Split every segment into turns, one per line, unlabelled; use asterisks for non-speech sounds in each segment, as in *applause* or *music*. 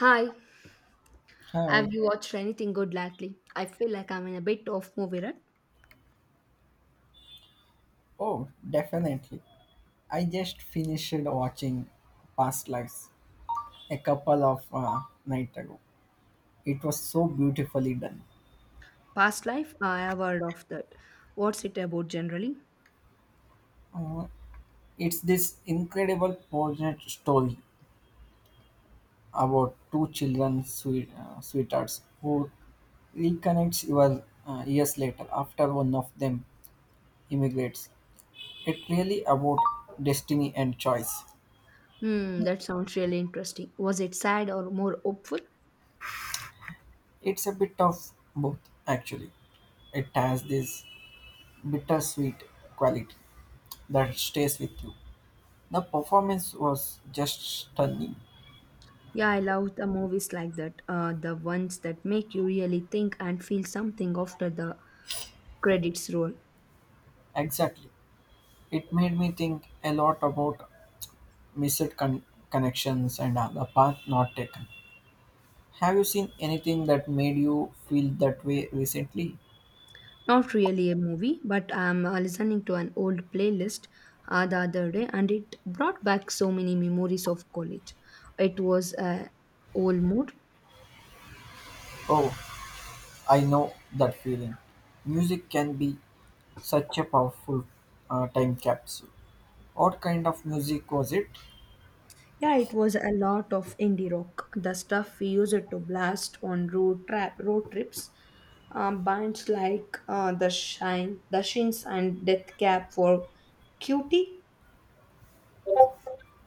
Hi, have
Hi.
you watched anything good lately? I feel like I'm in a bit of movie rut.
Oh, definitely. I just finished watching Past Lives a couple of night ago. It was so beautifully done.
Past life, I have heard of that. What's it about generally?
Uh, it's this incredible poignant story about two children sweet, sweethearts who reconnects your years later after one of them immigrates. It really about destiny and choice.
Hmm, that sounds really interesting. Was it sad or more hopeful?
It's a bit of both actually. It has this bittersweet quality that stays with you. The performance was just stunning.
Yeah, I love the movies like that. The ones that make you really think and feel something after the credits roll.
Exactly. It made me think a lot about missed con- connections and the path not taken. Have you seen anything that made you feel that way recently?
Not really a movie, but I'm listening to an old playlist the other day, and it brought back so many memories of college. It was a old mood.
Oh, I know that feeling. Music can be such a powerful time capsule. What kind of music was it?
Yeah, it was a lot of indie rock, the stuff we used to blast on road trips. Bands like the Shine, the Shins, and Death Cab for Cutie.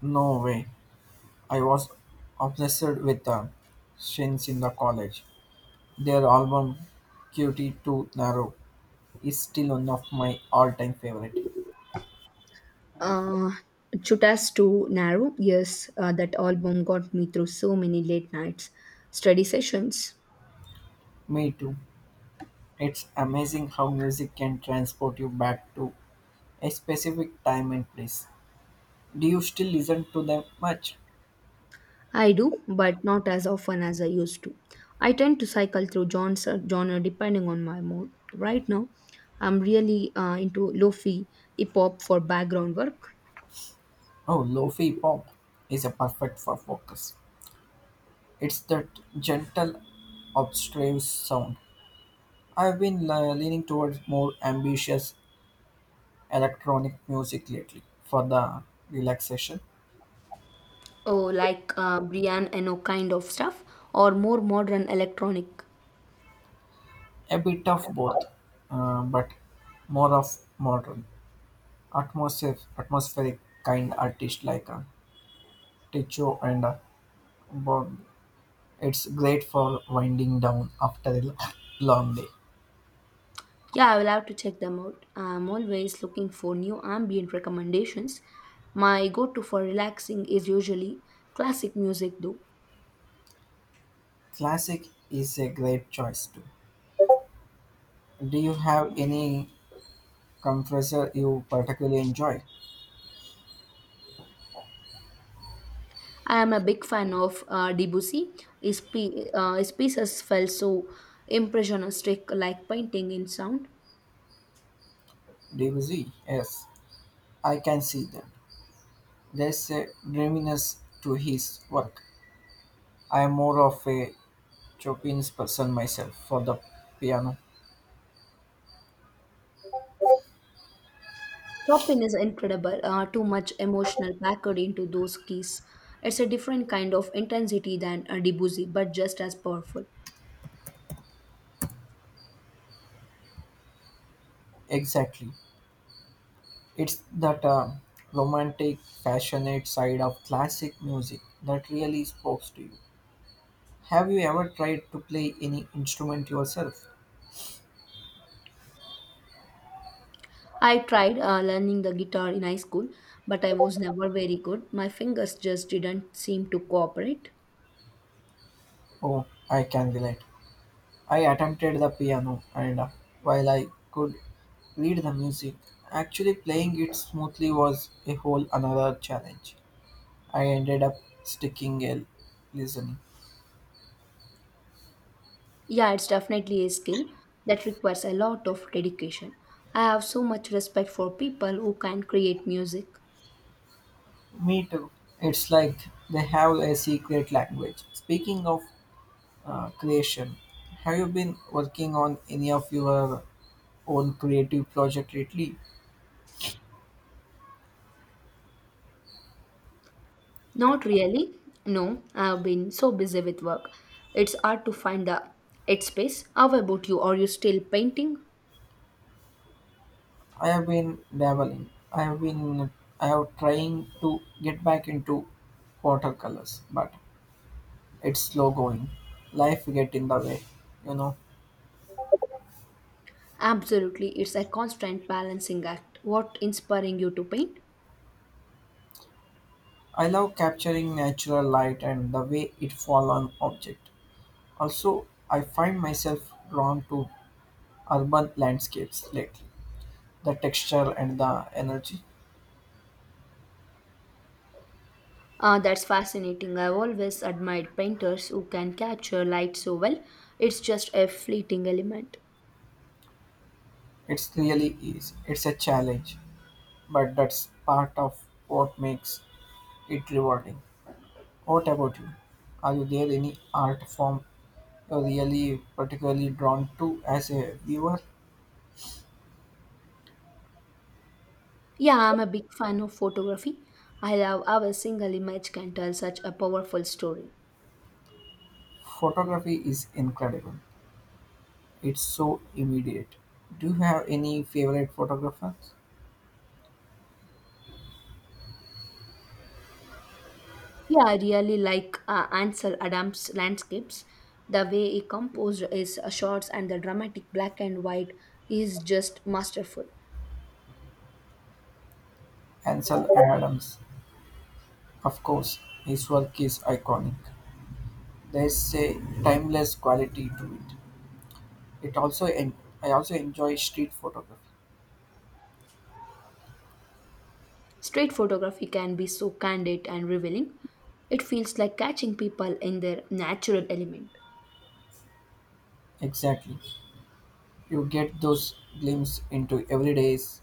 No way. I was obsessed with the Shins in the college. Their album Cutie Too Narrow is still one of my all-time favorite.
Uh, Chuta's Too Narrow, yes, that album got me through so many late nights, study sessions.
Me too. It's amazing how music can transport you back to a specific time and place. Do you still listen to them much?
I do, but not as often as I used to. I tend to cycle through genre depending on my mood. Right now, I'm really into lofi hip hop for background work.
Oh, lo-fi pop is a perfect for focus. It's that gentle, obstruse sound. I've been leaning towards more ambitious electronic music lately for the relaxation.
Oh, like Brian Eno kind of stuff, or more modern electronic.
A bit of both, but more of modern, atmospheric kind artist like Ticho and Bob. It's great for winding down after a *laughs* long day.
Yeah, I will have to check them out. I'm always looking for new ambient recommendations. My go to for relaxing is usually classic music, though.
Classic is a great choice too. Do you have any compressor you particularly enjoy?
I am a big fan of Debussy. His pieces felt so impressionistic, like painting in sound.
Debussy, yes, I can see that. There's a dreaminess to his work. I am more of a Chopin's person myself for the piano.
Chopin is incredible, too much emotional packed into those keys. It's a different kind of intensity than a Debussy, but just as powerful.
Exactly. It's that romantic, passionate side of classic music that really spoke to you. Have you ever tried to play any instrument yourself?
I tried learning the guitar in high school, but I was never very good. My fingers just didn't seem to cooperate.
Oh, I can relate. I attempted the piano, and while I could read the music, actually playing it smoothly was a whole another challenge. I ended up sticking a listening.
Yeah, it's definitely a skill that requires a lot of dedication. I have so much respect for people who can create music.
Me too. It's like they have a secret language. Speaking of creation, have you been working on any of your own creative project lately?
Not really. No, I've been so busy with work. It's hard to find the headspace. How about you? Are you still painting?
I have been dabbling. I have trying to get back into watercolors, but it's slow going. Life get in the way, you know.
Absolutely. It's a constant balancing act. What inspiring you to paint?
I love capturing natural light and the way it fall on object. Also, I find myself drawn to urban landscapes lately. The texture and the energy.
That's fascinating. I've always admired painters who can capture light so well. It's just a fleeting element.
It's really is. It's a challenge, but that's part of what makes it rewarding. What about you? Are you there any art form you're really particularly drawn to as a viewer?
Yeah, I'm a big fan of photography. I love how a single image can tell such a powerful story.
Photography is incredible. It's so immediate. Do you have any favorite photographers?
Yeah, I really like Ansel Adams' landscapes. The way he composed his shots and the dramatic black and white is just masterful.
Ansel Adams, of course. His work is iconic. There's a timeless quality to it. It also en- I also enjoy street photography.
Street photography can be so candid and revealing. It feels like catching people in their natural element.
Exactly. You get those glimpses into everyday's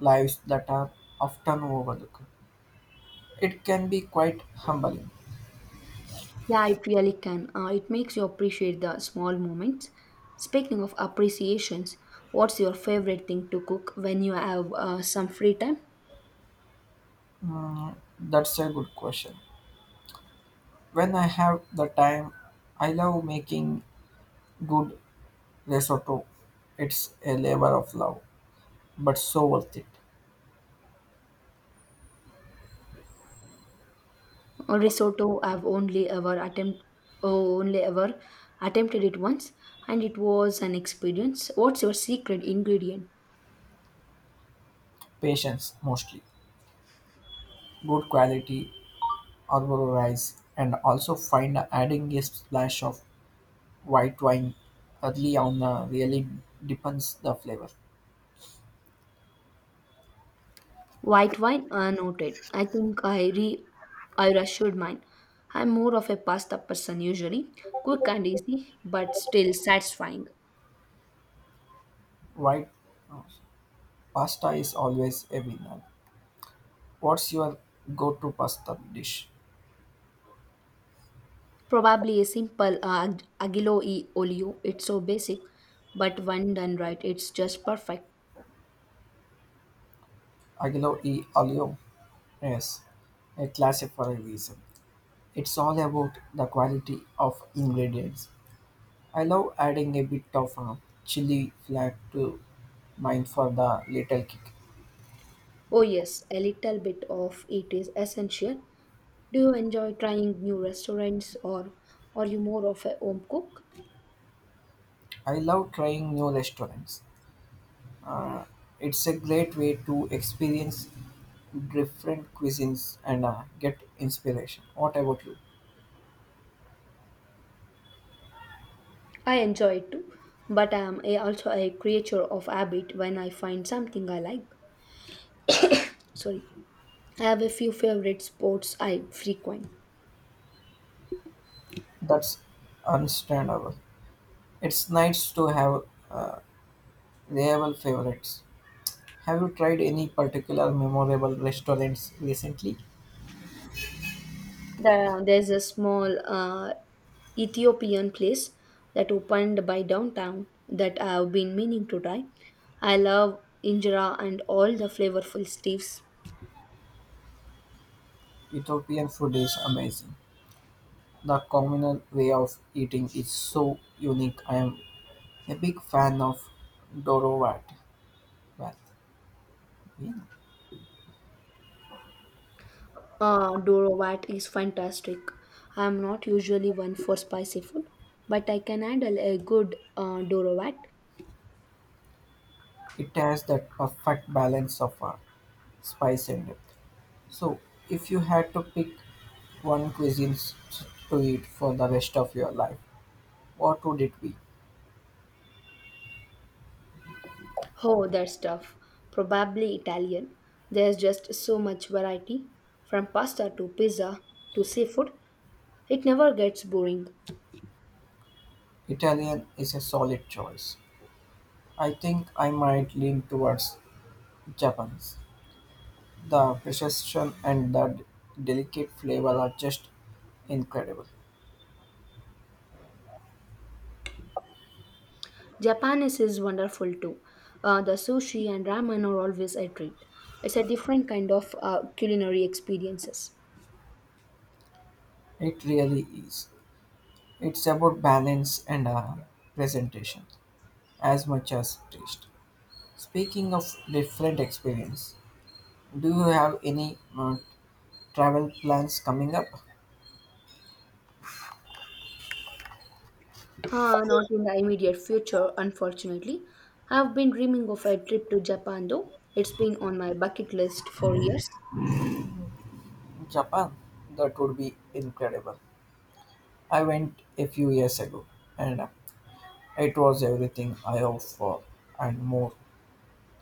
lives that are often overlooked. It can be quite humbling.
Yeah, it really can. It makes you appreciate the small moments. Speaking of appreciations, what's your favorite thing to cook when you have some free time?
That's a good question. When I have the time, I love making good risotto. It's a labor of love, but so worth it.
Risotto, I've only ever attempted it once, and it was an experience. What's your secret ingredient?
Patience mostly, good quality Arborio rice, and also find adding a splash of white wine early on really depends the flavor.
White wine, noted. I reassured mine. I'm more of a pasta person usually, quick and easy, but still satisfying.
White uh, pasta is always a winner. What's your go-to pasta dish?
Probably a simple aglio e olio. It's so basic, but when done right, it's just perfect.
Aglio e olio. Yes, a classic for a reason. It's all about the quality of ingredients. I love adding a bit of chili flake to mine for the little kick.
Oh yes, a little bit of it is essential. Do you enjoy trying new restaurants or are you more of a home cook?
I love trying new restaurants. It's a great way to experience different cuisines and get inspiration. What about you?
I enjoy it too, but also a creature of habit when I find something I like. Sorry. I have a few favorite sports I frequent.
That's understandable. It's nice to have uh, reliable favorites. Have you tried any particular memorable restaurants recently?
There's a small Ethiopian place that opened by downtown that I've been meaning to try. I love injera and all the flavorful stews.
Ethiopian food is amazing. The communal way of eating is so unique. I am a big fan of Dorovat.
Dorovat is fantastic. I'm not usually one for spicy food, but I can handle a good Dorovat.
It has that perfect balance of spice and depth. So, if you had to pick one to eat for the rest of your life, what would it be?
Oh, that stuff. Probably Italian. There's just so much variety from pasta to pizza to seafood. It never gets boring.
Italian is a solid choice. I think I might lean towards Japan's. The precision and delicate flavor are just incredible.
Japanese is wonderful too. The sushi and ramen are always a treat. It's a different kind of culinary experiences.
It really is. It's about balance and presentation as much as taste. Speaking of different experience, do you have any travel plans coming up?
Not in the immediate future, unfortunately. I've been dreaming of a trip to Japan though. It's been on my bucket list for years.
Japan, that would be incredible. I went a few years ago and it was everything I hoped for and more.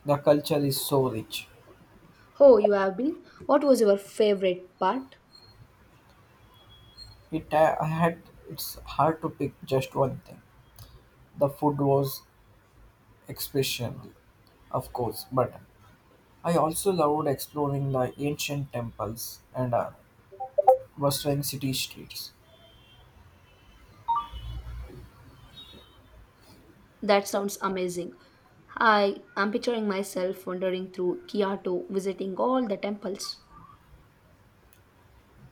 The culture is so rich.
Oh, you have been? What was your favorite part?
It I had It's hard to pick just one thing. The food was exceptional, of course, but I also loved exploring the ancient temples and western city streets.
That sounds amazing. I am picturing myself wandering through Kyoto, visiting all the temples.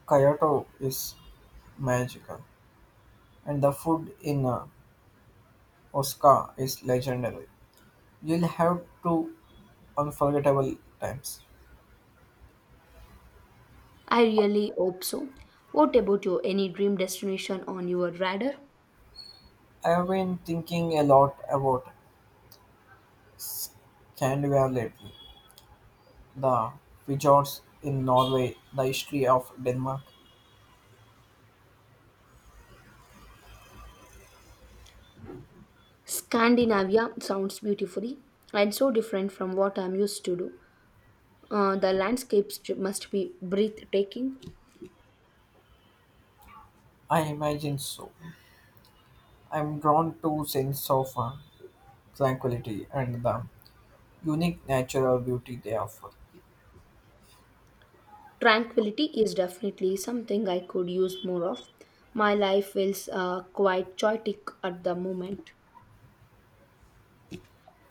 Kyoto is magical, and the food in Osaka is legendary. You'll have to unforgettable times.
I really hope so. What about you? Any dream destination on your radar?
I have been thinking a lot about Scandinavia lately, the fjords in Norway, the history of Denmark.
Scandinavia sounds beautifully and so different from what I'm used to do. The landscapes must be breathtaking.
I imagine so. I'm drawn to sense of tranquility and the unique natural beauty they offer.
Tranquility is definitely something I could use more of. My life feels quite chaotic at the moment.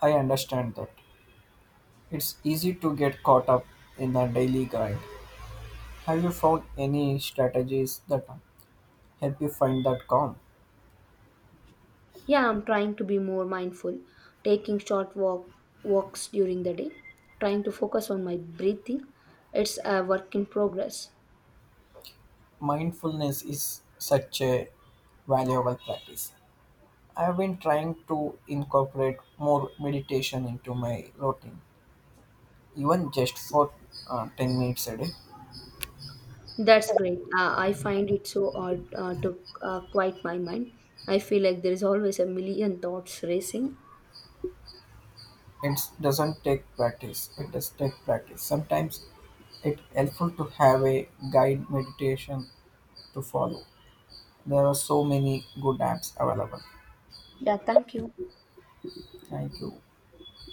I understand that it's easy to get caught up in the daily grind. Have you found any strategies that help you find that calm?
Yeah, I'm trying to be more mindful, taking short walk walks during the day, trying to focus on my breathing. It's a work in progress.
Mindfulness is such a valuable practice. I've been trying to incorporate more meditation into my routine, even just for 10 minutes a day.
That's great. I find it so hard to quiet my mind. I feel like there is always a million thoughts racing.
It doesn't take practice. It does take practice. Sometimes it's helpful to have a guide meditation to follow. There are so many good apps available.
Yeah, thank you.
Thank you.